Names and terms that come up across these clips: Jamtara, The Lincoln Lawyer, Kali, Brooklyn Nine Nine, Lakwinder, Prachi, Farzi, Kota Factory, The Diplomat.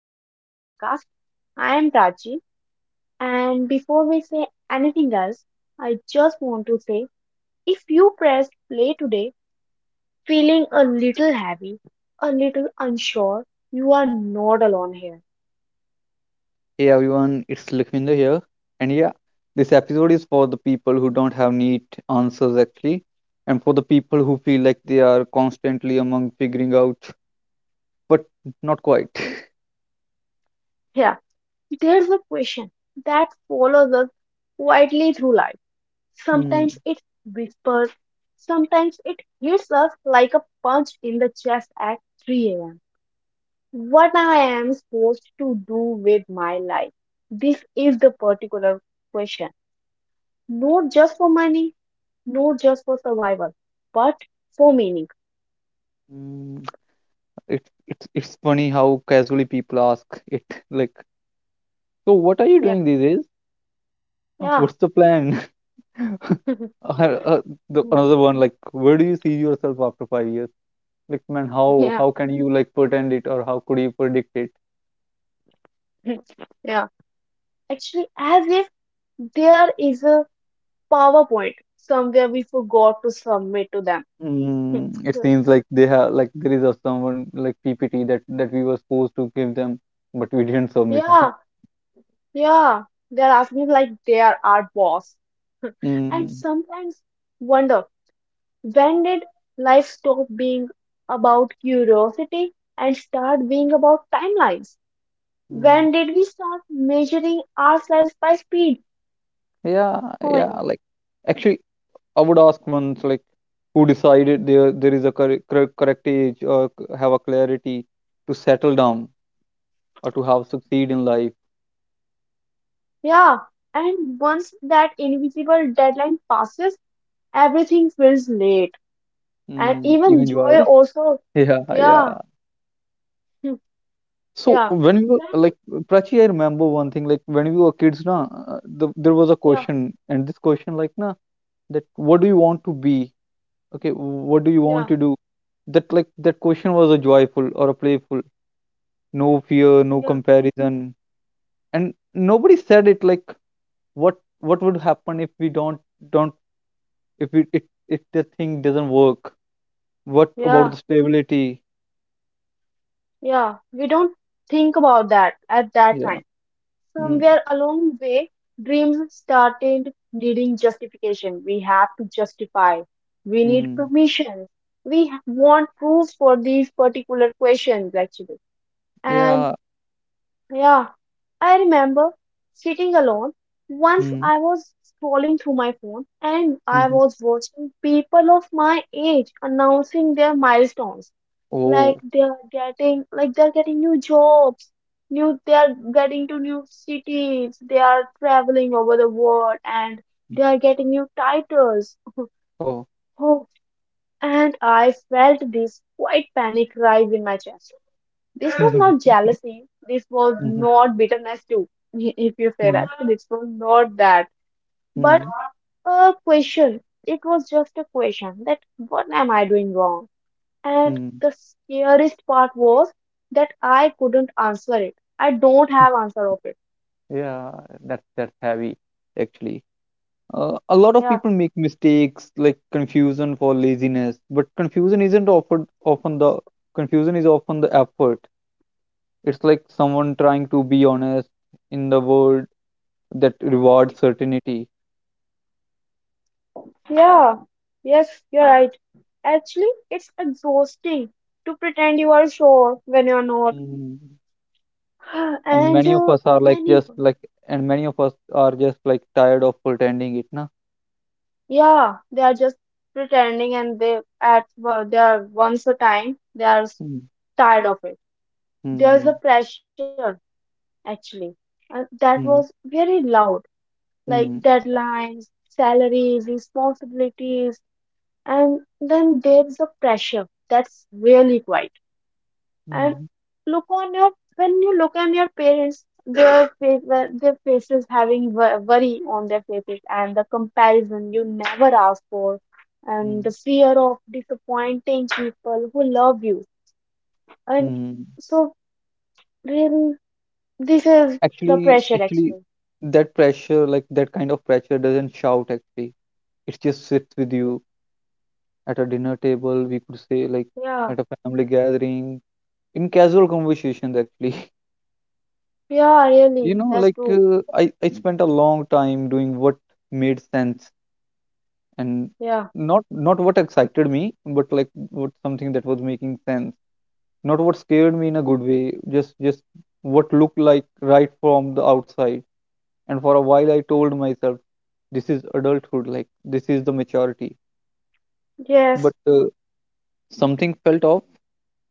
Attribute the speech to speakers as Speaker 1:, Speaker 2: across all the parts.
Speaker 1: back to the podcast. I am Prachi. And before we say anything else, I just want to say if you pressed play today feeling a little heavy, a little unsure, you are not alone here.
Speaker 2: Hey everyone, it's Lakwinder here. And yeah, this episode is for the people who don't have neat answers actually, and for the people who feel like they are constantly among figuring out, but not quite.
Speaker 1: Yeah, there's a question that follows us quietly through life.
Speaker 2: Hmm.
Speaker 1: Sometimes it whispers, sometimes it hits us like a punch in the chest at 3 a.m. What I am supposed to do with my life. This is the particular question. Not just for money, not just for survival, but for meaning.
Speaker 2: Mm, It, it's funny how casually people ask it, like, so what are you
Speaker 1: Yeah,
Speaker 2: doing these days?
Speaker 1: yeah,
Speaker 2: What's the plan? Or, uh, Another one, like, where do you see yourself after 5 years? Like, man, how
Speaker 1: yeah,
Speaker 2: how can you like pretend it or how could you predict.
Speaker 1: yeah. Actually, as if there is a PowerPoint somewhere we forgot to submit to them.
Speaker 2: It seems like they have like there is a someone like PPT that we were supposed to give them, but we didn't submit. huh?
Speaker 1: Yeah, yeah. They're asking like they are our boss. And
Speaker 2: mm,
Speaker 1: sometimes wonder, when did life stop being about curiosity and start being about timelines?
Speaker 2: mm.
Speaker 1: When did we start measuring ourselves by speed?
Speaker 2: Yeah,
Speaker 1: Oh my
Speaker 2: yeah.
Speaker 1: god.
Speaker 2: Like actually, I would ask once like who decided there is a correct age or have a clarity to settle down or to have succeed in life,
Speaker 1: Yeah. And once that invisible deadline passes, everything feels late. And even
Speaker 2: even joy.
Speaker 1: joy also.
Speaker 2: Yeah,
Speaker 1: Yeah.
Speaker 2: yeah.
Speaker 1: hmm,
Speaker 2: So
Speaker 1: Yeah.
Speaker 2: when we
Speaker 1: Then,
Speaker 2: were like Prachi, I remember one thing like when we were kids, na, there was a
Speaker 1: yeah.
Speaker 2: question and this question like na, that what do you want to be, okay what do you want
Speaker 1: Yeah.
Speaker 2: to do, that like that question was a joyful or a playful, no fear no
Speaker 1: Yeah.
Speaker 2: comparison, and nobody said it like what would happen if we don't, if we it, if the thing doesn't work, what about
Speaker 1: Yeah.
Speaker 2: the stability.
Speaker 1: Yeah. We don't think about that at that
Speaker 2: yeah.
Speaker 1: time.
Speaker 2: mm,
Speaker 1: Somewhere along the way, dreams started needing justification. We have to justify. We need
Speaker 2: mm,
Speaker 1: permission. Want proof for these particular questions, actually. And
Speaker 2: yeah
Speaker 1: yeah, I remember sitting alone. Once
Speaker 2: mm,
Speaker 1: I was scrolling through my phone and I
Speaker 2: mm-hmm.
Speaker 1: was watching people of my age announcing their milestones, like
Speaker 2: Oh.
Speaker 1: they're getting new jobs, new, they're getting to new cities, they are traveling over the world, and
Speaker 2: mm,
Speaker 1: they are getting new titles.
Speaker 2: oh.
Speaker 1: Oh, and I felt this quite panic rise in my chest. This was not
Speaker 2: mm-hmm.
Speaker 1: jealousy, this was not bitterness too, if you say
Speaker 2: Mm-hmm.
Speaker 1: that this was not that, but
Speaker 2: Mm-hmm.
Speaker 1: a question. It was just a question that what am I doing wrong. And
Speaker 2: Mm-hmm.
Speaker 1: the scariest part was that I couldn't answer it. I don't have answer of it.
Speaker 2: Yeah, that's heavy actually. A lot of
Speaker 1: Yeah.
Speaker 2: people make mistakes like confusion for laziness, but confusion isn't often the, confusion is often the effort. It's like someone trying to be honest in the world that rewards certainty.
Speaker 1: Yeah. Yes, you're right. Actually, it's exhausting to pretend you are sure when you're not.
Speaker 2: Mm. And
Speaker 1: And
Speaker 2: many of us are like
Speaker 1: many,
Speaker 2: just like and many of us are just like tired of pretending it, na?
Speaker 1: yeah, they are just pretending and they at well, they are once a time they are
Speaker 2: Mm.
Speaker 1: tired of it. There's
Speaker 2: Hmm.
Speaker 1: a pressure actually, and that was
Speaker 2: Hmm.
Speaker 1: very loud, like
Speaker 2: Hmm.
Speaker 1: deadlines, salaries, responsibilities. And then there's the pressure that's really quite. And
Speaker 2: Hmm.
Speaker 1: look on your, when you look at your parents, their face, well, their faces having worry on their faces, and the comparison you never ask for, and the
Speaker 2: Hmm.
Speaker 1: fear of disappointing people who love you. And
Speaker 2: Hmm.
Speaker 1: so really, this is the
Speaker 2: Actually,
Speaker 1: pressure
Speaker 2: actually,
Speaker 1: actually.
Speaker 2: that pressure, like that kind of pressure, doesn't shout actually. It just sits with you at a dinner table, we could say, like
Speaker 1: Yeah,
Speaker 2: at a family gathering, in casual conversations, actually.
Speaker 1: yeah,
Speaker 2: You
Speaker 1: really,
Speaker 2: know,
Speaker 1: that's
Speaker 2: like
Speaker 1: true.
Speaker 2: I spent a long time doing what made sense, and
Speaker 1: Yeah,
Speaker 2: not what excited me, but like what something that was making sense. Not what scared me in a good way, just what looked like right from the outside. And for a while, I told myself, this is adulthood, like this is the maturity. But
Speaker 1: yes,
Speaker 2: something felt off,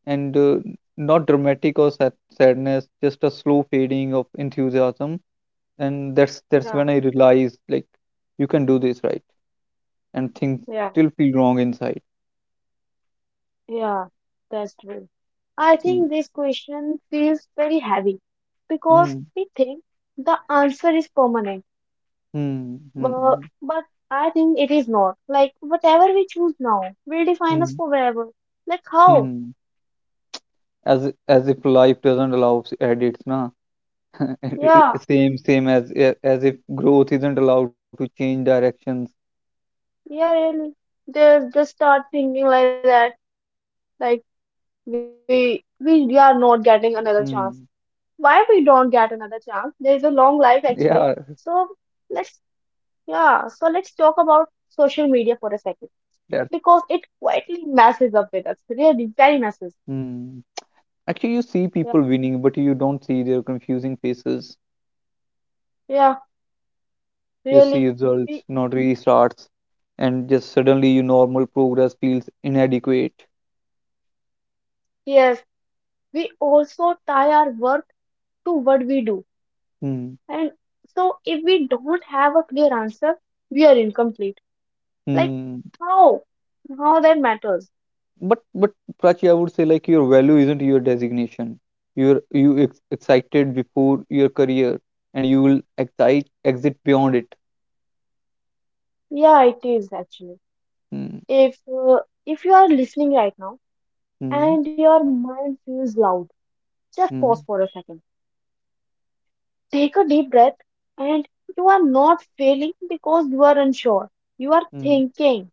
Speaker 2: and not dramatic or sadness, just a slow fading of enthusiasm. And that's
Speaker 1: yeah,
Speaker 2: when I realized like you can do this right, and things
Speaker 1: yeah.
Speaker 2: still feel wrong inside.
Speaker 1: Yeah, that's true. I
Speaker 2: Hmm.
Speaker 1: think this question feels very heavy because
Speaker 2: Hmm.
Speaker 1: we think the answer is permanent,
Speaker 2: Hmm.
Speaker 1: but,
Speaker 2: Hmm.
Speaker 1: but I think it is not. Like, whatever we choose now will
Speaker 2: Hmm.
Speaker 1: define us
Speaker 2: Hmm.
Speaker 1: forever. Like, how?
Speaker 2: hmm. As if life doesn't allow edits, na.
Speaker 1: Yeah,
Speaker 2: Same as if growth isn't allowed to change directions.
Speaker 1: yeah, really. They just start thinking like that. Like, we are not getting another chance.
Speaker 2: Hmm.
Speaker 1: Why we don't get another chance? There's a long life
Speaker 2: Yeah,
Speaker 1: actually. So let's, yeah. So let's talk about social media for a second
Speaker 2: that's.
Speaker 1: because it quietly messes up with us. Really, very messes.
Speaker 2: Hmm. Actually, you see people
Speaker 1: Yeah,
Speaker 2: winning, but you don't see their confusing faces.
Speaker 1: yeah,
Speaker 2: You see
Speaker 1: really.
Speaker 2: results,
Speaker 1: We,
Speaker 2: not restarts, and just suddenly your normal progress feels inadequate.
Speaker 1: yes, we also tie our work to what we do.
Speaker 2: Hmm.
Speaker 1: And so, if we don't have a clear answer, we are incomplete. Like,
Speaker 2: Hmm.
Speaker 1: how? How that matters?
Speaker 2: But Prachi, I would say like your value isn't your designation. You excited before your career, and you will excite exit beyond it.
Speaker 1: Yeah, it is actually.
Speaker 2: Hmm.
Speaker 1: If uh, if you are listening right now
Speaker 2: Hmm.
Speaker 1: and your mind feels loud, just pause
Speaker 2: Hmm.
Speaker 1: for a second. Take a deep breath, and you are not failing because you are unsure. You are
Speaker 2: Hmm.
Speaker 1: thinking,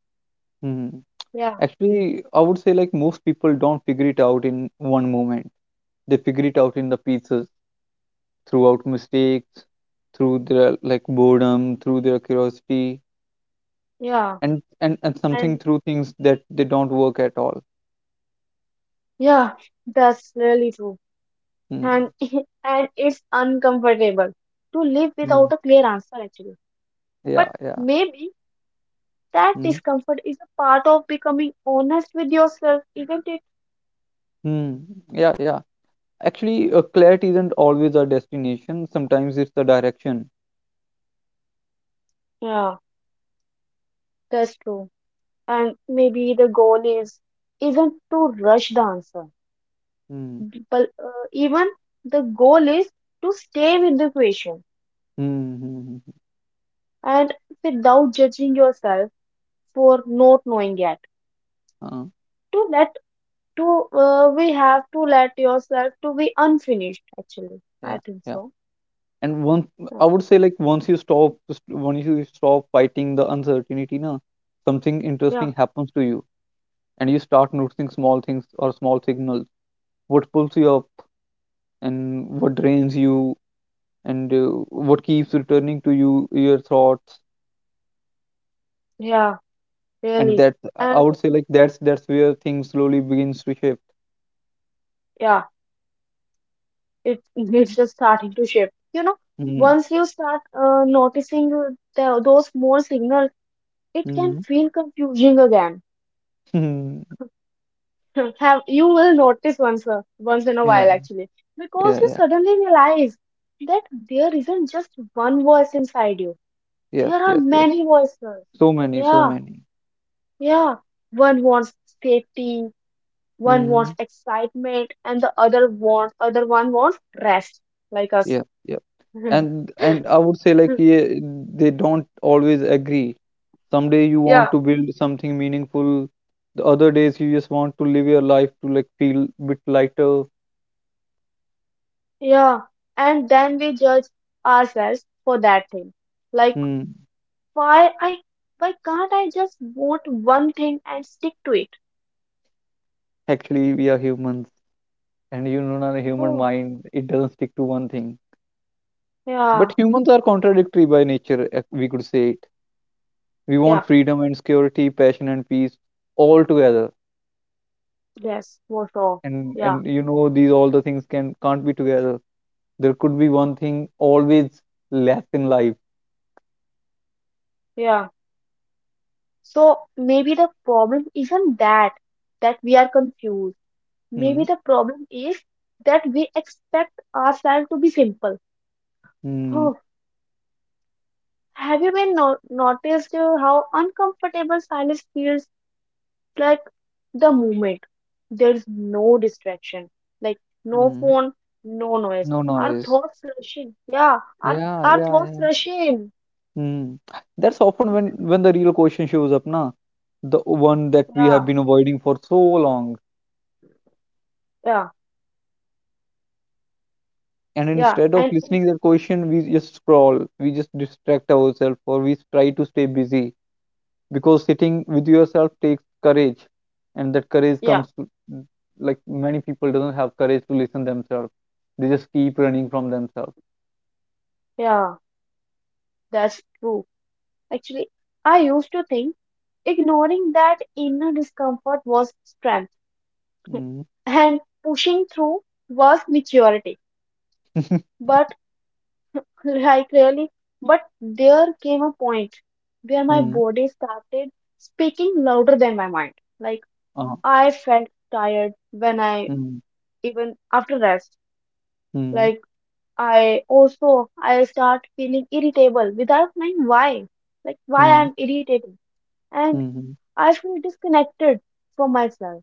Speaker 2: Hmm.
Speaker 1: yeah,
Speaker 2: Actually, I would say like most people don't figure it out in one moment. They figure it out in the pieces throughout mistakes, through their like boredom, through their curiosity,
Speaker 1: yeah,
Speaker 2: and something
Speaker 1: and
Speaker 2: through things that they don't work at all.
Speaker 1: yeah, that's really true.
Speaker 2: Mm.
Speaker 1: And and it's uncomfortable to live
Speaker 2: Mm.
Speaker 1: without a clear answer, actually. But
Speaker 2: Yeah, yeah.
Speaker 1: maybe that
Speaker 2: Mm.
Speaker 1: discomfort is a part of becoming honest with yourself, isn't it?
Speaker 2: Mm. Yeah, yeah. Actually, clarity isn't always a destination. Sometimes it's the direction.
Speaker 1: Yeah, that's true. And maybe the goal is isn't to rush the answer,
Speaker 2: Mm.
Speaker 1: but even the goal is to stay with the patient
Speaker 2: Mm. Mm.
Speaker 1: and without judging yourself for not knowing yet.
Speaker 2: Uh,
Speaker 1: To let to we have to let yourself to be unfinished. Actually, I
Speaker 2: yeah,
Speaker 1: think
Speaker 2: yeah.
Speaker 1: so.
Speaker 2: And once
Speaker 1: Oh,
Speaker 2: I would say, like once you stop, just once you stop fighting the uncertainty, na, something
Speaker 1: yeah,
Speaker 2: interesting happens to you, and you start noticing small things or small signals, what pulls you up and what drains you, and what keeps returning to you your thoughts,
Speaker 1: yeah,
Speaker 2: and
Speaker 1: really,
Speaker 2: that I
Speaker 1: and
Speaker 2: would say like that's where things slowly begins to shift.
Speaker 1: yeah, it it's just starting to shift. You know,
Speaker 2: Mm-hmm.
Speaker 1: once you start noticing the, those small signals, it can feel confusing again.
Speaker 2: Mm-hmm.
Speaker 1: Have you will notice once a, once in a while
Speaker 2: yeah.
Speaker 1: actually, because
Speaker 2: Yeah,
Speaker 1: you
Speaker 2: yeah.
Speaker 1: suddenly realize that there isn't just one voice inside you,
Speaker 2: Yes,
Speaker 1: there are
Speaker 2: yes, yes.
Speaker 1: many voices.
Speaker 2: So many, so
Speaker 1: Yeah,
Speaker 2: many.
Speaker 1: yeah, one wants safety, one
Speaker 2: Mm-hmm.
Speaker 1: wants excitement, and the other wants, other one wants rest, like us.
Speaker 2: Yeah, yeah. And I would say like yeah, they don't always agree. Someday you
Speaker 1: Yeah,
Speaker 2: want to build something meaningful, the other days you just want to live your life to like feel bit lighter.
Speaker 1: yeah, and then we judge ourselves for that thing, like
Speaker 2: Hmm.
Speaker 1: why I, why can't I just want one thing and stick to it.
Speaker 2: Actually, we are humans, and you know, a human
Speaker 1: Oh,
Speaker 2: mind, it doesn't stick to one thing.
Speaker 1: yeah,
Speaker 2: But humans are contradictory by nature, if we could say it. We
Speaker 1: yeah,
Speaker 2: want freedom and security, passion and peace, all together.
Speaker 1: yes, for sure. Yeah,
Speaker 2: And you know, these all the things can can't be together. There could be one thing always less in life.
Speaker 1: yeah. So maybe the problem isn't that that we are confused.
Speaker 2: Hmm.
Speaker 1: Maybe the problem is that we expect ourselves to be simple.
Speaker 2: Hmm.
Speaker 1: Oh, have you been no noticed how uncomfortable silence feels, like the moment? There's no distraction, like no
Speaker 2: Hmm.
Speaker 1: phone, no noise.
Speaker 2: No
Speaker 1: Our
Speaker 2: noise.
Speaker 1: thoughts rushing. Yeah, our
Speaker 2: Yeah,
Speaker 1: our
Speaker 2: yeah,
Speaker 1: thoughts
Speaker 2: yeah.
Speaker 1: rushing.
Speaker 2: Hmm. That's often when the real question shows up, na, the one that we
Speaker 1: Yeah,
Speaker 2: have been avoiding for so long,
Speaker 1: yeah,
Speaker 2: and
Speaker 1: yeah.
Speaker 2: instead of
Speaker 1: And it's
Speaker 2: listening their question we just scroll, we just distract ourselves or we try to stay busy, because sitting with yourself takes courage, and that courage
Speaker 1: yeah.
Speaker 2: comes to, like many people doesn't have courage to listen themselves, they just keep running from themselves.
Speaker 1: Yeah, that's true. Actually, I used to think ignoring that inner discomfort was strength
Speaker 2: Mm.
Speaker 1: and pushing through was maturity. But like really, but there came a point where my
Speaker 2: mm.
Speaker 1: body started speaking louder than my mind. Like
Speaker 2: Uh,
Speaker 1: I felt tired when I
Speaker 2: mm.
Speaker 1: even after rest.
Speaker 2: Mm.
Speaker 1: Like I also I start feeling irritable without knowing why. Like why
Speaker 2: Mm.
Speaker 1: I'm irritated. And
Speaker 2: Mm.
Speaker 1: I feel disconnected from myself.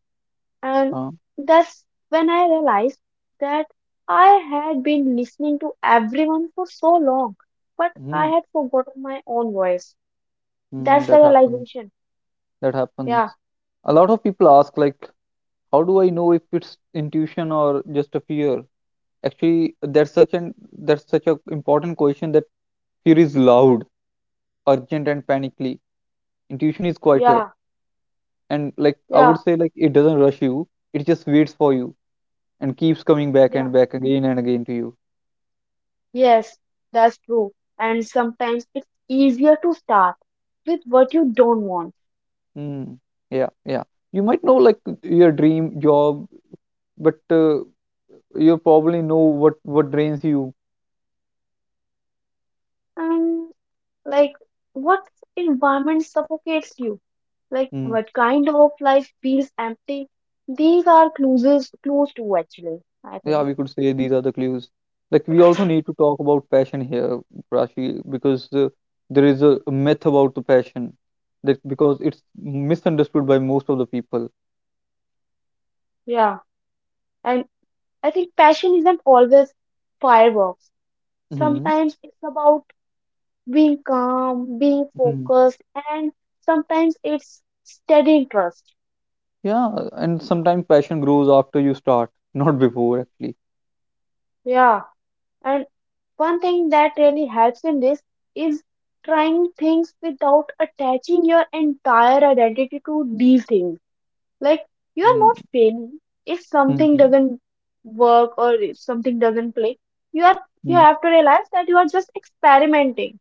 Speaker 1: And
Speaker 2: Uh,
Speaker 1: that's when I realized that I had been listening to everyone for so long, but I
Speaker 2: mm.
Speaker 1: had forgotten my own voice.
Speaker 2: Mm.
Speaker 1: That's the
Speaker 2: that happens
Speaker 1: realization.
Speaker 2: that
Speaker 1: Yeah,
Speaker 2: happens A lot of people ask like how do I know if it's intuition or just a fear. Actually, that's such an that's such a important question, that fear is loud, urgent, and panically. Intuition is quieter,
Speaker 1: yeah,
Speaker 2: and like I
Speaker 1: yeah,
Speaker 2: would say, like it doesn't rush you. It just waits for you and keeps coming back
Speaker 1: yeah.
Speaker 2: and back again and again to you.
Speaker 1: Yes, that's true. And sometimes it's easier to start with what you don't
Speaker 2: Hmm. Yeah, yeah. You might know like your dream job, but you probably know what drains you.
Speaker 1: want. Like, what environment suffocates you? Like,
Speaker 2: Hmm.
Speaker 1: what kind of life feels empty? These are clues, clues to actually, I
Speaker 2: Yeah,
Speaker 1: think.
Speaker 2: we could say these are the clues. Like we also need to talk about passion here, Prachi, because there is a myth about the passion that because it's misunderstood by most of the people.
Speaker 1: Yeah. And I think passion isn't always fireworks.
Speaker 2: Hmm
Speaker 1: Sometimes it's about being calm, being
Speaker 2: hmm
Speaker 1: focused, and sometimes it's steady interest.
Speaker 2: Yeah, and sometimes passion grows after you start, not before actually.
Speaker 1: Yeah. And one thing that really helps in this is trying things without attaching your entire identity to these things. Like, you are not failing. If something
Speaker 2: Mm-hmm.
Speaker 1: doesn't work or if something doesn't play, you are, you
Speaker 2: hmm
Speaker 1: have to realize that you are just experimenting.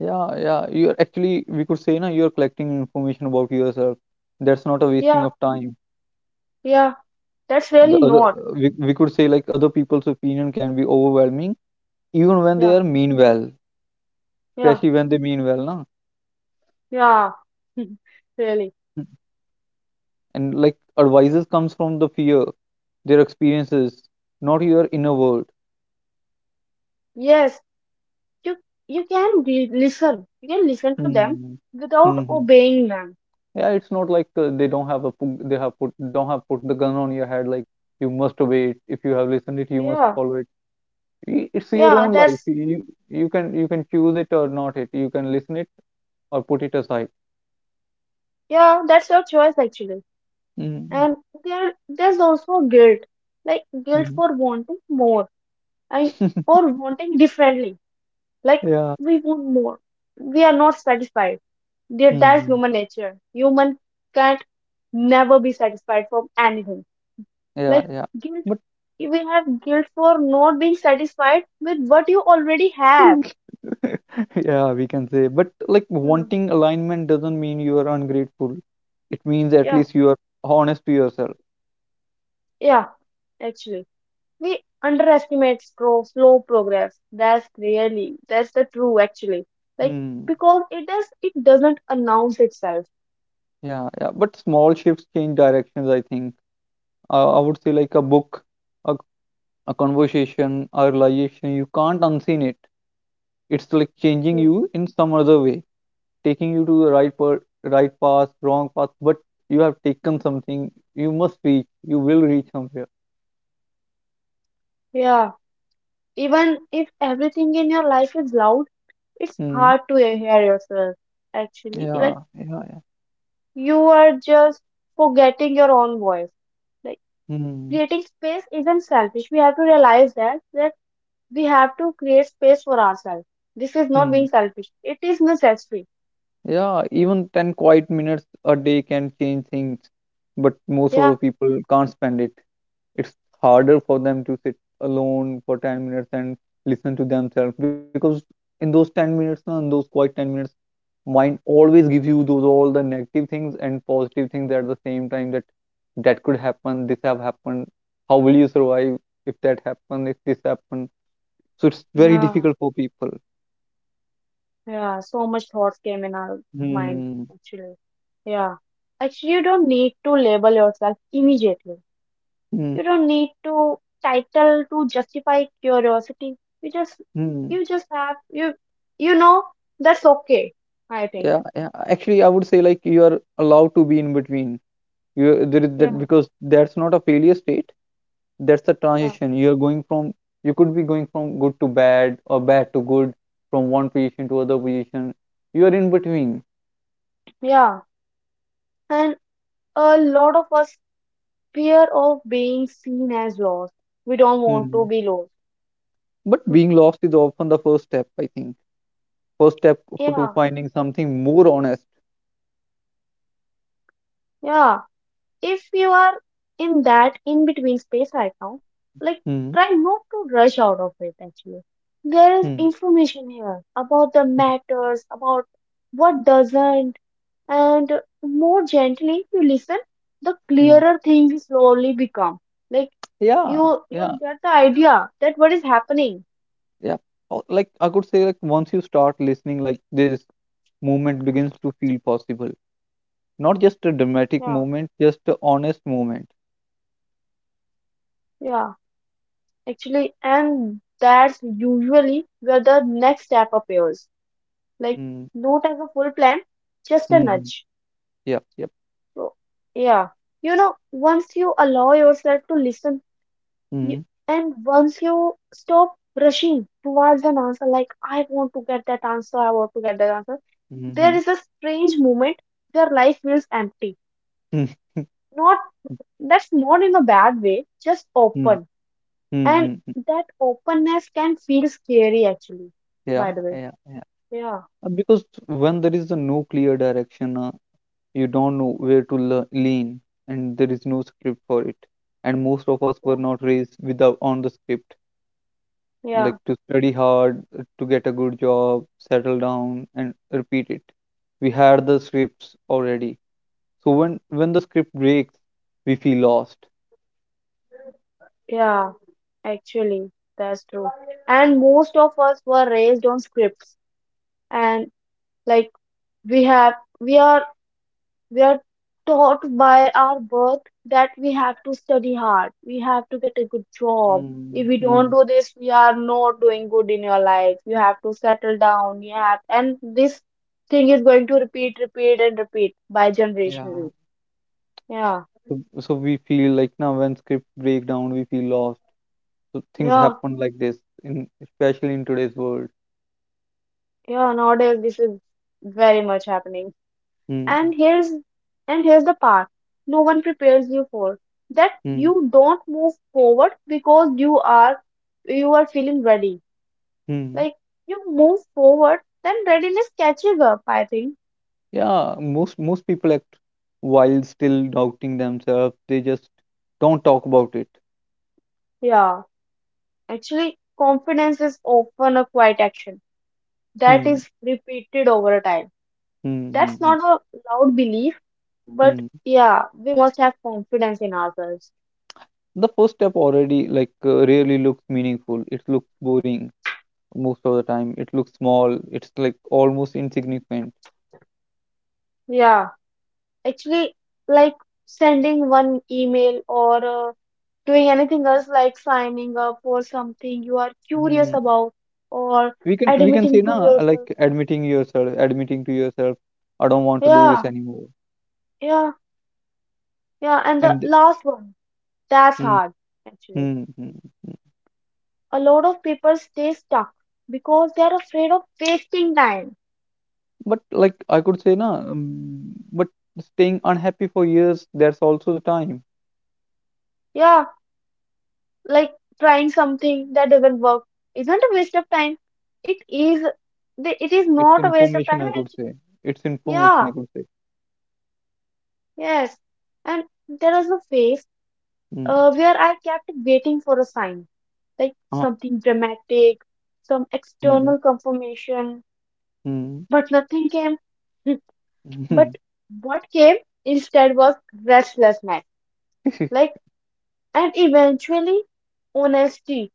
Speaker 2: Yeah, yeah. You're actually we could say na you're collecting information about yourself. That's not a wasting
Speaker 1: Yeah,
Speaker 2: of time.
Speaker 1: yeah, that's
Speaker 2: The
Speaker 1: really
Speaker 2: other
Speaker 1: not.
Speaker 2: we could say like other people's opinion can be overwhelming even when they
Speaker 1: Yeah,
Speaker 2: are mean well,
Speaker 1: yeah,
Speaker 2: especially when they mean well, na?
Speaker 1: yeah. Really.
Speaker 2: And like advices comes from the fear, their experiences, not your inner world.
Speaker 1: Yes, you you can re listen. You can listen to them
Speaker 2: Hmm.
Speaker 1: without
Speaker 2: hmm
Speaker 1: obeying them.
Speaker 2: Yeah, it's not like they don't have a they have put don't have put the gun on your head like you must obey it. If you have listened it, you must
Speaker 1: Yeah,
Speaker 2: follow it. It's your
Speaker 1: yeah,
Speaker 2: own life.
Speaker 1: that's
Speaker 2: You you can choose it or not it. You can listen it or put it aside.
Speaker 1: yeah, that's your choice actually.
Speaker 2: Mm-hmm.
Speaker 1: And there's also guilt, like guilt for wanting more I or wanting differently. Like
Speaker 2: yeah.
Speaker 1: we want more. We are not satisfied. That- That's
Speaker 2: hmm
Speaker 1: human nature. Human can't never be satisfied from anything.
Speaker 2: Yeah,
Speaker 1: Like
Speaker 2: yeah.
Speaker 1: guilt,
Speaker 2: But
Speaker 1: we have guilt for not being satisfied with what you already have.
Speaker 2: Yeah, we can say. But like
Speaker 1: Hmm.
Speaker 2: wanting alignment doesn't mean you are ungrateful. It means at
Speaker 1: Yeah,
Speaker 2: least you are honest to yourself.
Speaker 1: yeah. Actually, we underestimate slow, slow progress. That's really that's the true actually. Like
Speaker 2: Hmm.
Speaker 1: because it does it doesn't announce itself.
Speaker 2: Yeah, yeah. But small shifts change directions, I think. I would say like a book, a, a conversation, a realization, you can't unseen it. It's like changing you in some other way, taking you to the right per right path, wrong path, but you have taken something. You must reach. You will reach somewhere.
Speaker 1: Yeah. Even if everything in your life is loud, it's
Speaker 2: Hmm.
Speaker 1: hard to hear yourself, actually.
Speaker 2: Yeah,
Speaker 1: Like,
Speaker 2: yeah,
Speaker 1: you are just forgetting your own voice. Like,
Speaker 2: yeah. Hmm.
Speaker 1: creating space isn't selfish. We have to realize that, that we have to create space for ourselves. This is not
Speaker 2: Hmm.
Speaker 1: being selfish. It is necessary.
Speaker 2: Yeah, even 10 quiet minutes a day can change things, but most of
Speaker 1: Yeah,
Speaker 2: the people can't spend it. It's harder for them to sit alone for 10 minutes and listen to themselves, because in those 10 minutes, na, in those quiet 10 minutes, mind always gives you those all the negative things and positive things at the same time, that that could happen, this have happened, how will you survive if that happen, if this happen. So it's very
Speaker 1: yeah,
Speaker 2: difficult for people.
Speaker 1: yeah. So much thoughts came in our mind,
Speaker 2: Hmm.
Speaker 1: actually. Yeah. Actually, you don't need to label yourself immediately.
Speaker 2: Hmm.
Speaker 1: You don't need to title to justify curiosity. You just,
Speaker 2: Hmm.
Speaker 1: you just have you, you know that's okay. I think.
Speaker 2: Yeah, yeah. Actually, I would say like you are allowed to be in between. You there is that
Speaker 1: Yeah,
Speaker 2: Because that's not a failure state. That's the
Speaker 1: yeah,
Speaker 2: transition. You are going from, you could be going from good to bad or bad to good, from one position to other position. You are in between.
Speaker 1: yeah. And a lot of us fear of being seen as lost. We don't want to
Speaker 2: Mhm.
Speaker 1: be lost.
Speaker 2: But being lost is often the first step, I think. First step to
Speaker 1: Yeah,
Speaker 2: finding something more honest.
Speaker 1: yeah. If you are in that in between space right now, like
Speaker 2: Mhm.
Speaker 1: try not to rush out of it actually. There is
Speaker 2: Mhm.
Speaker 1: information here about the
Speaker 2: Mhm.
Speaker 1: matters, about what doesn't, and more gently you listen the
Speaker 2: Mhm.
Speaker 1: clearer things slowly become, like
Speaker 2: Yeah,
Speaker 1: you
Speaker 2: yeah,
Speaker 1: you get the idea that what is happening.
Speaker 2: yeah. Oh, like I could say, like once you start listening, like this movement begins to feel possible. Not just a dramatic
Speaker 1: Yeah,
Speaker 2: moment, just a honest moment.
Speaker 1: yeah, actually, and that's usually where the next step appears, like
Speaker 2: Mm,
Speaker 1: not as a full plan, just a
Speaker 2: hmm. Mm-hmm.
Speaker 1: nudge.
Speaker 2: Yep, yep.
Speaker 1: So yeah, you know, once you allow yourself to listen, you,
Speaker 2: Mm-hmm.
Speaker 1: and once you stop rushing towards an answer, like I want to get that answer, I want to get that answer, there
Speaker 2: Mm-hmm.
Speaker 1: is a strange moment where life feels empty. Not, that's not in a bad way, just open.
Speaker 2: Mm-hmm.
Speaker 1: And
Speaker 2: Mm-hmm.
Speaker 1: that openness can feel scary actually,
Speaker 2: Yeah,
Speaker 1: by the way.
Speaker 2: yeah, yeah.
Speaker 1: Yeah,
Speaker 2: Because when there is a no clear direction, you don't know where to lean, and there is no script for it. And most of us were
Speaker 1: yeah,
Speaker 2: not raised without on the script,
Speaker 1: yeah,
Speaker 2: like to study hard, to get a good job, settle down, and repeat it. We had the scripts already. So when the script breaks, we feel lost.
Speaker 1: yeah, actually, that's true. And most of us were raised on scripts and like we have we are we are taught by our birth that we have to study hard, we have to get a good job, if
Speaker 2: Mm,
Speaker 1: we don't
Speaker 2: mm.
Speaker 1: do this we are not doing good in your life, you have to settle down, you have, and this thing is going to repeat and repeat by
Speaker 2: Yeah.
Speaker 1: generationally. Yeah,
Speaker 2: So, so we feel like now when script break down, we feel lost. So things
Speaker 1: yeah,
Speaker 2: happen like this in especially in today's world.
Speaker 1: yeah, nowadays this is very much happening.
Speaker 2: Mm,
Speaker 1: And here's and here's the part no one prepares you for, that
Speaker 2: mm,
Speaker 1: you don't move forward because you are, you are feeling ready.
Speaker 2: mm.
Speaker 1: Like you move forward, then readiness catching up, I think.
Speaker 2: Yeah, most people act while still doubting themselves. They just don't talk about it.
Speaker 1: Yeah, actually, confidence is often a quiet action that
Speaker 2: Mm,
Speaker 1: is repeated over time.
Speaker 2: mm, mm,
Speaker 1: That's
Speaker 2: mm,
Speaker 1: not a loud belief, but
Speaker 2: mm.
Speaker 1: yeah, we must have confidence in ourselves.
Speaker 2: The first step already like rarely looks meaningful. It looks boring most of the time. It looks small. It's like almost insignificant.
Speaker 1: Yeah, actually, like sending one email or doing anything else like signing up for something you are curious
Speaker 2: Hmm.
Speaker 1: about or
Speaker 2: We can
Speaker 1: admitting
Speaker 2: say
Speaker 1: to
Speaker 2: na, like
Speaker 1: yourself.
Speaker 2: admitting yourself, admitting to yourself, I don't want to do this
Speaker 1: Yeah,
Speaker 2: anymore.
Speaker 1: yeah, yeah. And the
Speaker 2: and th-
Speaker 1: last one. That's
Speaker 2: mm,
Speaker 1: hard, actually.
Speaker 2: mm, mm.
Speaker 1: A lot of people stay stuck because they are afraid of wasting time.
Speaker 2: But like I could say na, but staying unhappy for years, that's also the time.
Speaker 1: Yeah, like trying something that doesn't work isn't a waste of time. It is, it is
Speaker 2: It's
Speaker 1: not a waste of
Speaker 2: information,
Speaker 1: time,
Speaker 2: I could
Speaker 1: actually.
Speaker 2: say. It's information,
Speaker 1: Yeah,
Speaker 2: I could say.
Speaker 1: yes. And there was a phase
Speaker 2: Mm.
Speaker 1: where I kept waiting for a sign, like
Speaker 2: Ah.
Speaker 1: something dramatic, some
Speaker 2: Mm,
Speaker 1: external confirmation,
Speaker 2: mm,
Speaker 1: but nothing came.
Speaker 2: mm.
Speaker 1: But what came instead was restlessness. Like, and eventually honesty.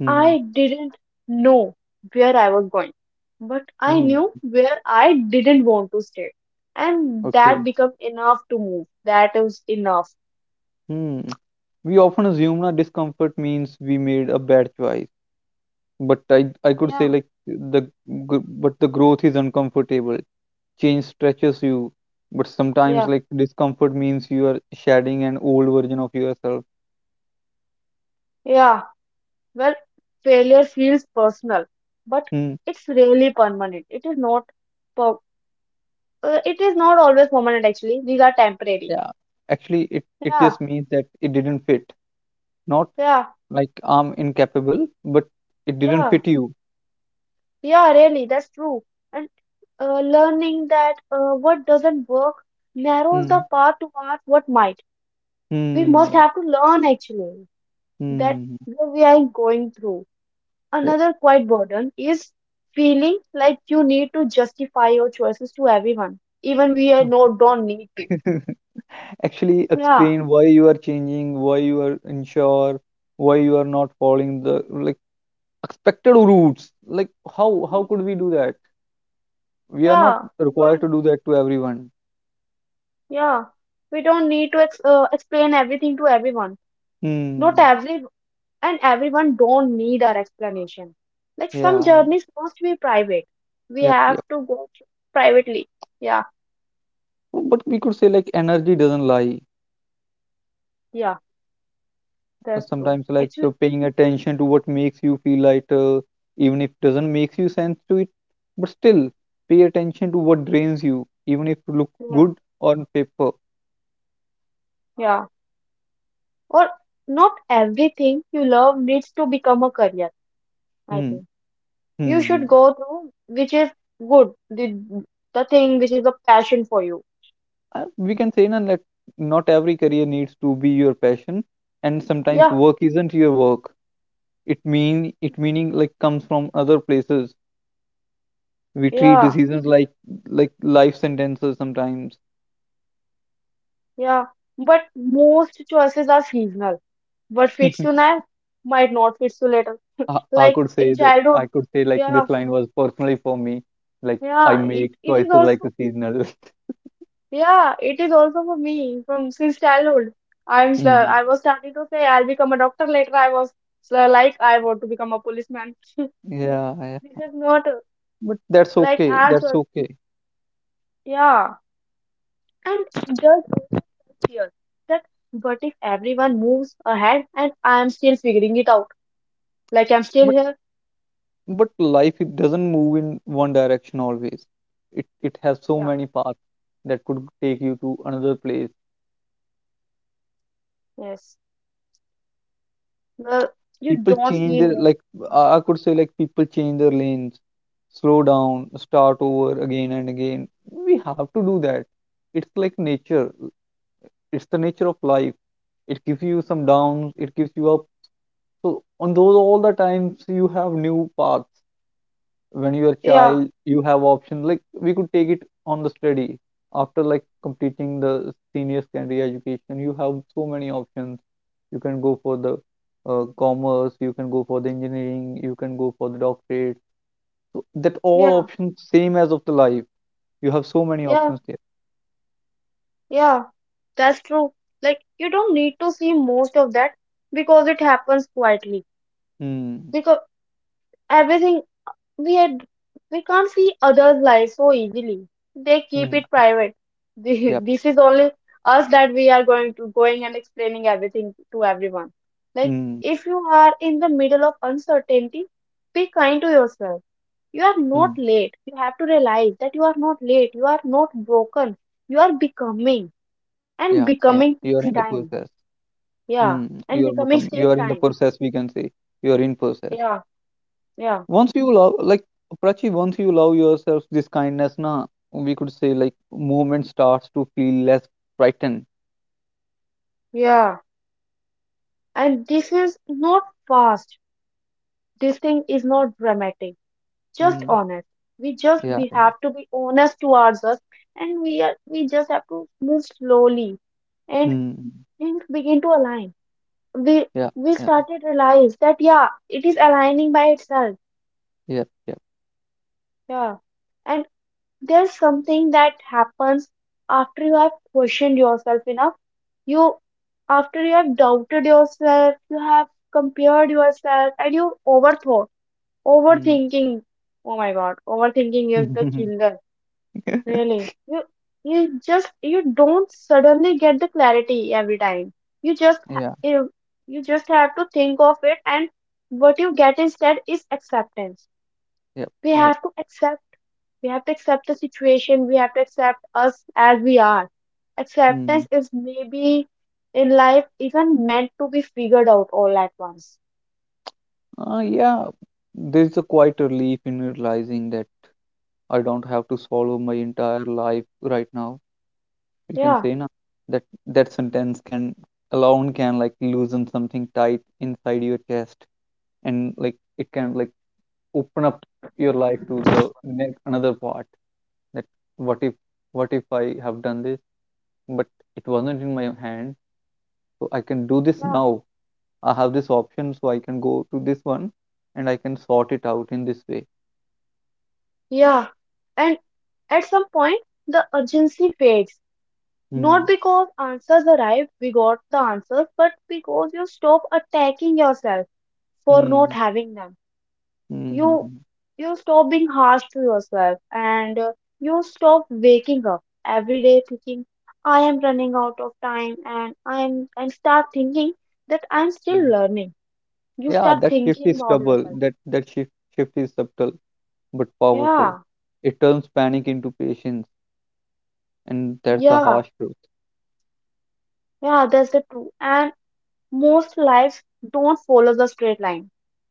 Speaker 2: Mm,
Speaker 1: I didn't know where I was going, but I
Speaker 2: mm.
Speaker 1: knew where I didn't want to stay, and
Speaker 2: Okay.
Speaker 1: that became enough to move. That is enough.
Speaker 2: Mm. We often assume na discomfort means we made a bad choice, but I could say
Speaker 1: Yeah,
Speaker 2: like but the growth is uncomfortable. Change stretches you, but sometimes
Speaker 1: yeah,
Speaker 2: like discomfort means you are shedding an old version of yourself.
Speaker 1: yeah. Well, failure feels personal, but
Speaker 2: Hmm.
Speaker 1: it's really permanent. It is not. Per- it is not always permanent. Actually, these are temporary.
Speaker 2: Yeah. Actually, it
Speaker 1: Yeah,
Speaker 2: just means that it didn't fit. Not
Speaker 1: yeah,
Speaker 2: like I'm incapable, but it didn't
Speaker 1: yeah,
Speaker 2: fit you.
Speaker 1: yeah. Really, that's true learning that what doesn't work narrows the
Speaker 2: Hmm.
Speaker 1: path towards what might. We must
Speaker 2: Hmm.
Speaker 1: have to learn actually that
Speaker 2: Hmm.
Speaker 1: what we are going through.
Speaker 2: Yeah.
Speaker 1: Another quite burden is feeling like you need to justify your choices to everyone, even we are no don't need to.
Speaker 2: Actually,
Speaker 1: Yeah,
Speaker 2: explain why you are changing, why you are unsure, why you are not following the like expected routes. Like how could we do that? We are not
Speaker 1: yeah,
Speaker 2: required
Speaker 1: right.
Speaker 2: to do that to everyone.
Speaker 1: Yeah, we don't need to explain everything to everyone. Not
Speaker 2: Hmm.
Speaker 1: every and everyone don't need our explanation. Like some
Speaker 2: Yeah, yeah,
Speaker 1: journeys must be private. We
Speaker 2: yep,
Speaker 1: have
Speaker 2: yep.
Speaker 1: to go through privately. Yeah,
Speaker 2: But we could say like energy doesn't lie.
Speaker 1: yeah, that's true.
Speaker 2: Sometimes like
Speaker 1: Actually,
Speaker 2: paying attention to what makes you feel lighter, even if doesn't makes you sense to it. But still, pay attention to what drains you, even if it look
Speaker 1: yeah,
Speaker 2: good on paper.
Speaker 1: yeah. Or not everything you love needs to become a career, I
Speaker 2: Hmm.
Speaker 1: think.
Speaker 2: Hmm.
Speaker 1: You
Speaker 2: Hmm.
Speaker 1: should go through which is good, the thing which is a passion for you.
Speaker 2: We can say na, that not every career needs to be your passion, and sometimes
Speaker 1: Yeah,
Speaker 2: work isn't your work. It meaning like comes from other places. We treat
Speaker 1: yeah,
Speaker 2: decisions like life sentences sometimes.
Speaker 1: yeah. But most choices are seasonal. What fits you now might not fit you later.
Speaker 2: I
Speaker 1: Like
Speaker 2: could say
Speaker 1: in
Speaker 2: that
Speaker 1: childhood,
Speaker 2: I could say like
Speaker 1: yeah,
Speaker 2: this line was personally for me. Like I
Speaker 1: Yeah,
Speaker 2: make
Speaker 1: it is
Speaker 2: choices like
Speaker 1: also
Speaker 2: a seasonal.
Speaker 1: yeah, it is also for me from since childhood.
Speaker 2: Mm.
Speaker 1: I was starting to say I'll become a doctor later. I was so like I want to become a policeman.
Speaker 2: Yeah, yeah,
Speaker 1: This is not
Speaker 2: but that's
Speaker 1: like
Speaker 2: okay,
Speaker 1: arts
Speaker 2: that's
Speaker 1: was
Speaker 2: okay.
Speaker 1: yeah, and just fear that what if everyone moves ahead and I'm still figuring it out? Like I'm still
Speaker 2: but
Speaker 1: here.
Speaker 2: but life it doesn't move in one direction always. It has so
Speaker 1: Yeah,
Speaker 2: many paths that could take you to another place.
Speaker 1: yes. Well, you
Speaker 2: People
Speaker 1: don't
Speaker 2: change
Speaker 1: see
Speaker 2: their,
Speaker 1: move.
Speaker 2: like, I could say like people change their lanes, slow down, start over again and again. We have to do that. It's like nature. It's the nature of life. It gives you some downs, it gives you up. So on those all the times, you have new paths. When you are a
Speaker 1: Yeah,
Speaker 2: child, you have options like we could take it on the study. After like completing the senior secondary education, you have so many options. You can go for the commerce, you can go for the engineering, you can go for the doctorate. So that all
Speaker 1: yeah,
Speaker 2: options same as of the life. You have so many
Speaker 1: yeah,
Speaker 2: options there.
Speaker 1: yeah. That's true. Like you don't need to see most of that because it happens quietly.
Speaker 2: Hmm.
Speaker 1: Because everything we had, we can't see others' lives so easily. They keep
Speaker 2: Hmm.
Speaker 1: it private. This
Speaker 2: Yep.
Speaker 1: this is only us that we are going to going and explaining everything to everyone. Like
Speaker 2: Hmm.
Speaker 1: if you are in the middle of uncertainty, be kind to yourself. You are not
Speaker 2: Hmm.
Speaker 1: late. You have to realize that you are not late. You are not broken. You are becoming
Speaker 2: Yeah,
Speaker 1: and
Speaker 2: yeah, you
Speaker 1: becoming
Speaker 2: are in the
Speaker 1: takes
Speaker 2: process.
Speaker 1: time.
Speaker 2: Hmm.
Speaker 1: Yeah,
Speaker 2: you are
Speaker 1: and
Speaker 2: become
Speaker 1: becomings
Speaker 2: you are
Speaker 1: take
Speaker 2: in the
Speaker 1: time.
Speaker 2: process, we can say. You are in process.
Speaker 1: Yeah, yeah,
Speaker 2: Once you love, like Prachi, once you love yourself, this kindness, na, we could say like movement starts to feel less frightened.
Speaker 1: yeah. And this is not fast. This thing is not dramatic. Just
Speaker 2: Mm,
Speaker 1: honest. We just
Speaker 2: yeah,
Speaker 1: we have to be honest towards us, and we just have to move slowly, and
Speaker 2: mm,
Speaker 1: things begin to align. We
Speaker 2: yeah,
Speaker 1: we
Speaker 2: yeah,
Speaker 1: started realize that yeah, it is aligning by itself.
Speaker 2: yep. Yep.
Speaker 1: Yeah, and there's something that happens after you have questioned yourself enough, you, after you have doubted yourself, you have compared yourself, and you overthought,
Speaker 2: Mm.
Speaker 1: overthinking. Oh my god, overthinking is the killer. Really, you you just you don't suddenly get the clarity every time. you just ha-
Speaker 2: Yeah,
Speaker 1: you, you just have to think of it, and what you get instead is acceptance.
Speaker 2: yep,
Speaker 1: We
Speaker 2: yep.
Speaker 1: have to accept, we have to accept the situation. We have to accept us as we are. Acceptance
Speaker 2: Mm.
Speaker 1: is maybe in life even meant to be figured out all at once.
Speaker 2: Yeah, there's a quite a relief in realizing that I don't have to swallow my entire life right now. We can
Speaker 1: Yeah,
Speaker 2: say na that that sentence can alone can, like, loosen something tight inside your chest, and like it can like open up your life to the next another part, that what if what if I have done this, but it wasn't in my hand, so I can do this
Speaker 1: yeah,
Speaker 2: now. I have this option, so I can go to this one, and I can sort it out in this way.
Speaker 1: yeah. And at some point, the urgency fades. Not
Speaker 2: Hmm.
Speaker 1: because answers arrive, we got the answers, but because you stop attacking yourself for not
Speaker 2: Hmm.
Speaker 1: having them.
Speaker 2: Hmm. Hmm,
Speaker 1: you
Speaker 2: hmm,
Speaker 1: you stop being harsh to yourself, and you stop waking up every day thinking I am running out of time and I am, and start thinking that I'm still
Speaker 2: hmm.
Speaker 1: learning. You
Speaker 2: Yeah,
Speaker 1: start
Speaker 2: that shift
Speaker 1: thinking
Speaker 2: is
Speaker 1: about
Speaker 2: stubble
Speaker 1: yourself.
Speaker 2: that that shift shift is subtle but powerful.
Speaker 1: Yeah,
Speaker 2: It turns panic into patience, and that's a
Speaker 1: yeah,
Speaker 2: harsh truth.
Speaker 1: yeah, that's the truth. And most lives don't follow the straight line,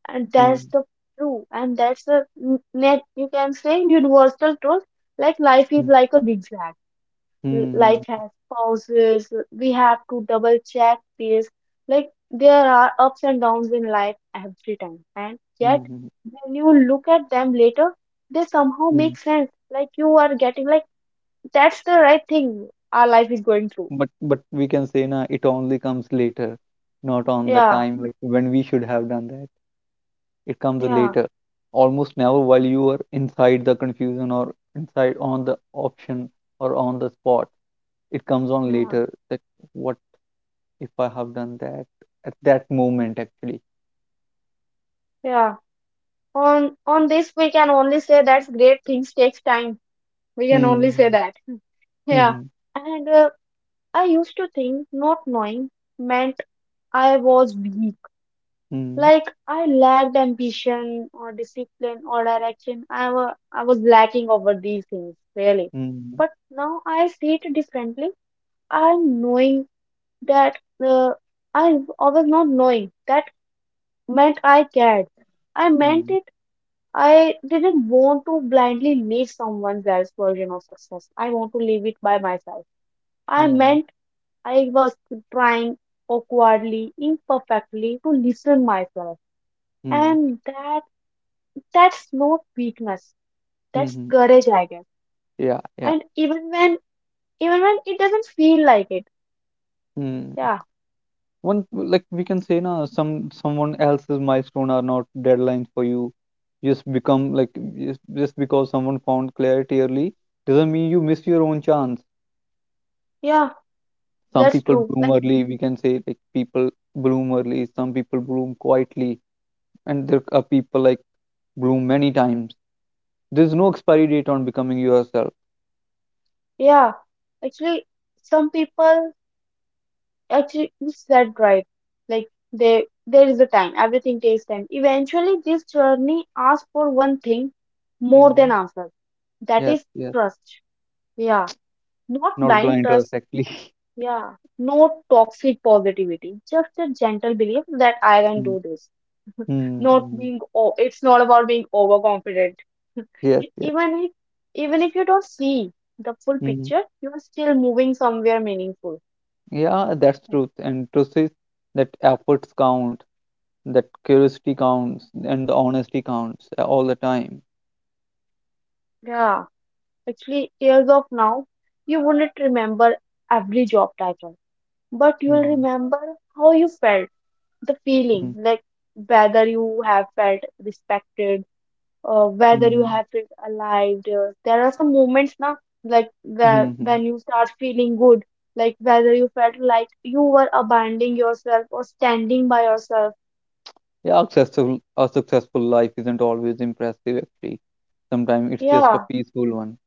Speaker 1: and that's
Speaker 2: Hmm.
Speaker 1: the true, and that's the net, you can say, universal truth. Like life is
Speaker 2: Hmm.
Speaker 1: like a zigzag,
Speaker 2: Hmm.
Speaker 1: like
Speaker 2: Hmm.
Speaker 1: has pauses. We have to double check this. Like there are ups and downs in life every time, and
Speaker 2: Hmm.
Speaker 1: yet
Speaker 2: Hmm,
Speaker 1: when you look at them later, they somehow
Speaker 2: hmm.
Speaker 1: make sense. Like you are getting like that's the right thing our life is going through.
Speaker 2: But we can say na it only comes later, not on the
Speaker 1: Yeah,
Speaker 2: time like when we should have done that. It comes
Speaker 1: yeah,
Speaker 2: later, almost never while you are inside the confusion or inside on the option or on the spot. It comes on
Speaker 1: yeah,
Speaker 2: later that what if I have done that at that moment actually.
Speaker 1: yeah. On this we can only say that's great things takes time. We can only say
Speaker 2: Hmm.
Speaker 1: that. Yeah.
Speaker 2: Hmm.
Speaker 1: And I used to think not knowing meant I was weak.
Speaker 2: Hmm.
Speaker 1: Like I lacked ambition or discipline or direction. I was lacking over these things really.
Speaker 2: Hmm.
Speaker 1: But now I see it differently. I'm knowing that uh, I was not knowing that meant I cared. I meant
Speaker 2: Hmm.
Speaker 1: it. I didn't want to blindly live someone else's version of success. I want to live it by myself. I
Speaker 2: Hmm.
Speaker 1: meant I was trying awkwardly, imperfectly to listen myself,
Speaker 2: Hmm.
Speaker 1: and that, that's no weakness.
Speaker 2: Hmm.
Speaker 1: That's
Speaker 2: Hmm.
Speaker 1: courage, I guess.
Speaker 2: Yeah.
Speaker 1: And
Speaker 2: Yeah.
Speaker 1: even when, even when it doesn't feel like it.
Speaker 2: Hmm.
Speaker 1: Yeah,
Speaker 2: One, like, we can say na, someone else's milestone are not deadlines for you. Just become like, just because someone found clarity early doesn't mean you miss your own chance.
Speaker 1: yeah,
Speaker 2: Some
Speaker 1: that's
Speaker 2: people
Speaker 1: true.
Speaker 2: bloom
Speaker 1: Like
Speaker 2: early, we can say like people bloom early, some people bloom quietly, and there are people like bloom many times. There's no expiry date on becoming yourself.
Speaker 1: yeah, actually, some people actually you said right. Like they there is a time. Everything takes time. Eventually, this journey asks for one thing more than
Speaker 2: Mm.
Speaker 1: answers. That
Speaker 2: Yes,
Speaker 1: is
Speaker 2: yes,
Speaker 1: trust. Yeah, not
Speaker 2: not
Speaker 1: blind
Speaker 2: blind trust
Speaker 1: trust.
Speaker 2: actually.
Speaker 1: Yeah, no toxic positivity, just a gentle belief that I can
Speaker 2: Mm.
Speaker 1: do this. Not
Speaker 2: Mm.
Speaker 1: being, it's not about being overconfident.
Speaker 2: Yes, yes.
Speaker 1: Even if, even if you don't see the full
Speaker 2: Hmm.
Speaker 1: picture, you are still moving somewhere meaningful.
Speaker 2: Yeah, that's
Speaker 1: Yeah.
Speaker 2: truth. And truth is that efforts count, that curiosity counts, and the honesty counts all the time.
Speaker 1: Yeah, actually, years of now, you wouldn't remember every job title, but you'll
Speaker 2: Mm-hmm.
Speaker 1: remember how you felt, the feeling, like whether you have felt respected, whether you have it alive. There are some moments now, like where
Speaker 2: Mm-hmm.
Speaker 1: when you start feeling good, like whether you felt like you were abandoning yourself or standing by yourself.
Speaker 2: Yeah, successful a successful life isn't always impressive actually. Sometimes it's just a
Speaker 1: Yeah,
Speaker 2: peaceful one.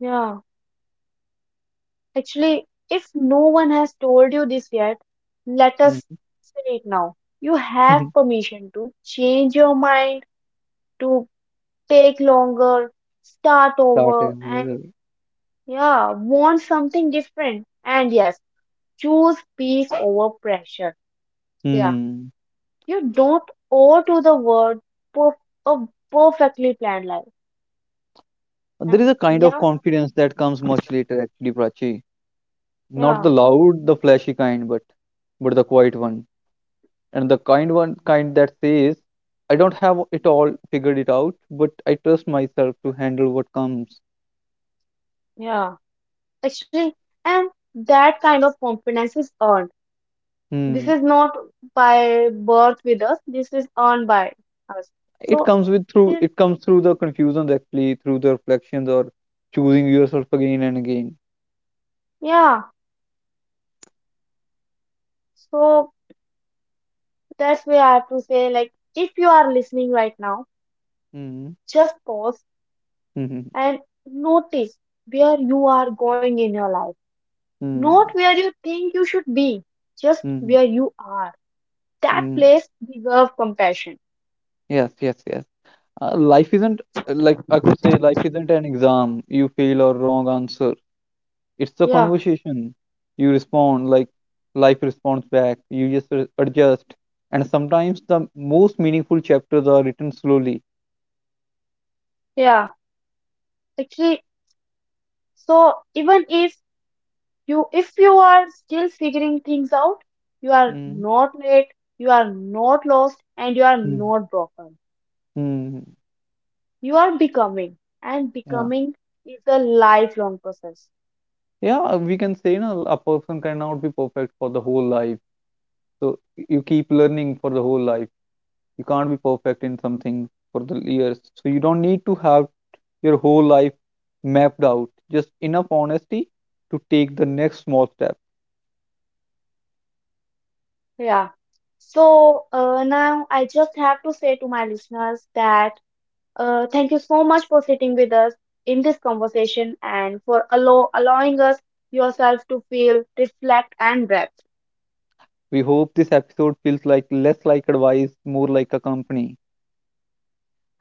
Speaker 1: yeah. Actually, if no one has told you this yet, let us
Speaker 2: Mm.
Speaker 1: say it now. You have permission to change your mind, to take longer, start
Speaker 2: Start
Speaker 1: over, and
Speaker 2: over.
Speaker 1: yeah, want something different. And yes, choose peace over pressure. Yeah,
Speaker 2: Hmm.
Speaker 1: you don't owe to the world perf- a perfectly planned life.
Speaker 2: There is
Speaker 1: And
Speaker 2: a kind of
Speaker 1: yeah,
Speaker 2: confidence that comes much later actually, Prachi. Not the
Speaker 1: yeah,
Speaker 2: loud, the flashy kind, but the quiet one. And the kind one kind that says I don't have it all figured it out, but I trust myself to handle what comes.
Speaker 1: yeah. Actually, and that kind of confidence is earned. This
Speaker 2: Hmm.
Speaker 1: is not by birth with us. This is earned by us.
Speaker 2: it
Speaker 1: So
Speaker 2: comes with
Speaker 1: it
Speaker 2: through
Speaker 1: is,
Speaker 2: it comes through the confusions actually, through the reflections, or choosing yourself again and again.
Speaker 1: yeah. So that's why I have to say, like, if you are listening right now,
Speaker 2: Hmm.
Speaker 1: just pause
Speaker 2: Hmm.
Speaker 1: and notice where you are going in your life,
Speaker 2: Hmm.
Speaker 1: not where you think you should be, just
Speaker 2: Hmm.
Speaker 1: where you are. That
Speaker 2: Hmm.
Speaker 1: place deserve compassion.
Speaker 2: Yes, yes, yes. Life isn't, like I could say life isn't an exam you fail or wrong answer. It's a
Speaker 1: Yeah,
Speaker 2: conversation. You respond like life responds back. You just adjust. And sometimes the most meaningful chapters are written slowly.
Speaker 1: yeah, actually, so even if you, if you are still figuring things out, you are
Speaker 2: Mm.
Speaker 1: not late, you are not lost, and you are
Speaker 2: Mm.
Speaker 1: not broken.
Speaker 2: Hmm.
Speaker 1: You are becoming, and
Speaker 2: Yeah.
Speaker 1: becoming is a lifelong process.
Speaker 2: Yeah, we can say no, a person cannot be perfect for the whole life. So you keep learning for the whole life. You can't be perfect in something for the years. So you don't need to have your whole life mapped out. Just enough honesty to take the next small step.
Speaker 1: Yeah, so now I just have to say to my listeners that thank you so much for sitting with us in this conversation and for allowing us yourself to feel, reflect, and breath.
Speaker 2: We hope this episode feels like less like advice, more like a company.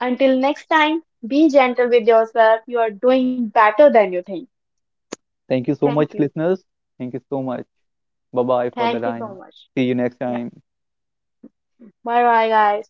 Speaker 1: Until next time, be gentle with yourself. You are doing better than you think.
Speaker 2: Thank you so
Speaker 1: Thank
Speaker 2: much,
Speaker 1: you.
Speaker 2: listeners. Thank you so much. Bye bye for the
Speaker 1: Thank you so
Speaker 2: time.
Speaker 1: much.
Speaker 2: See you next
Speaker 1: Yeah.
Speaker 2: time.
Speaker 1: Bye bye, guys.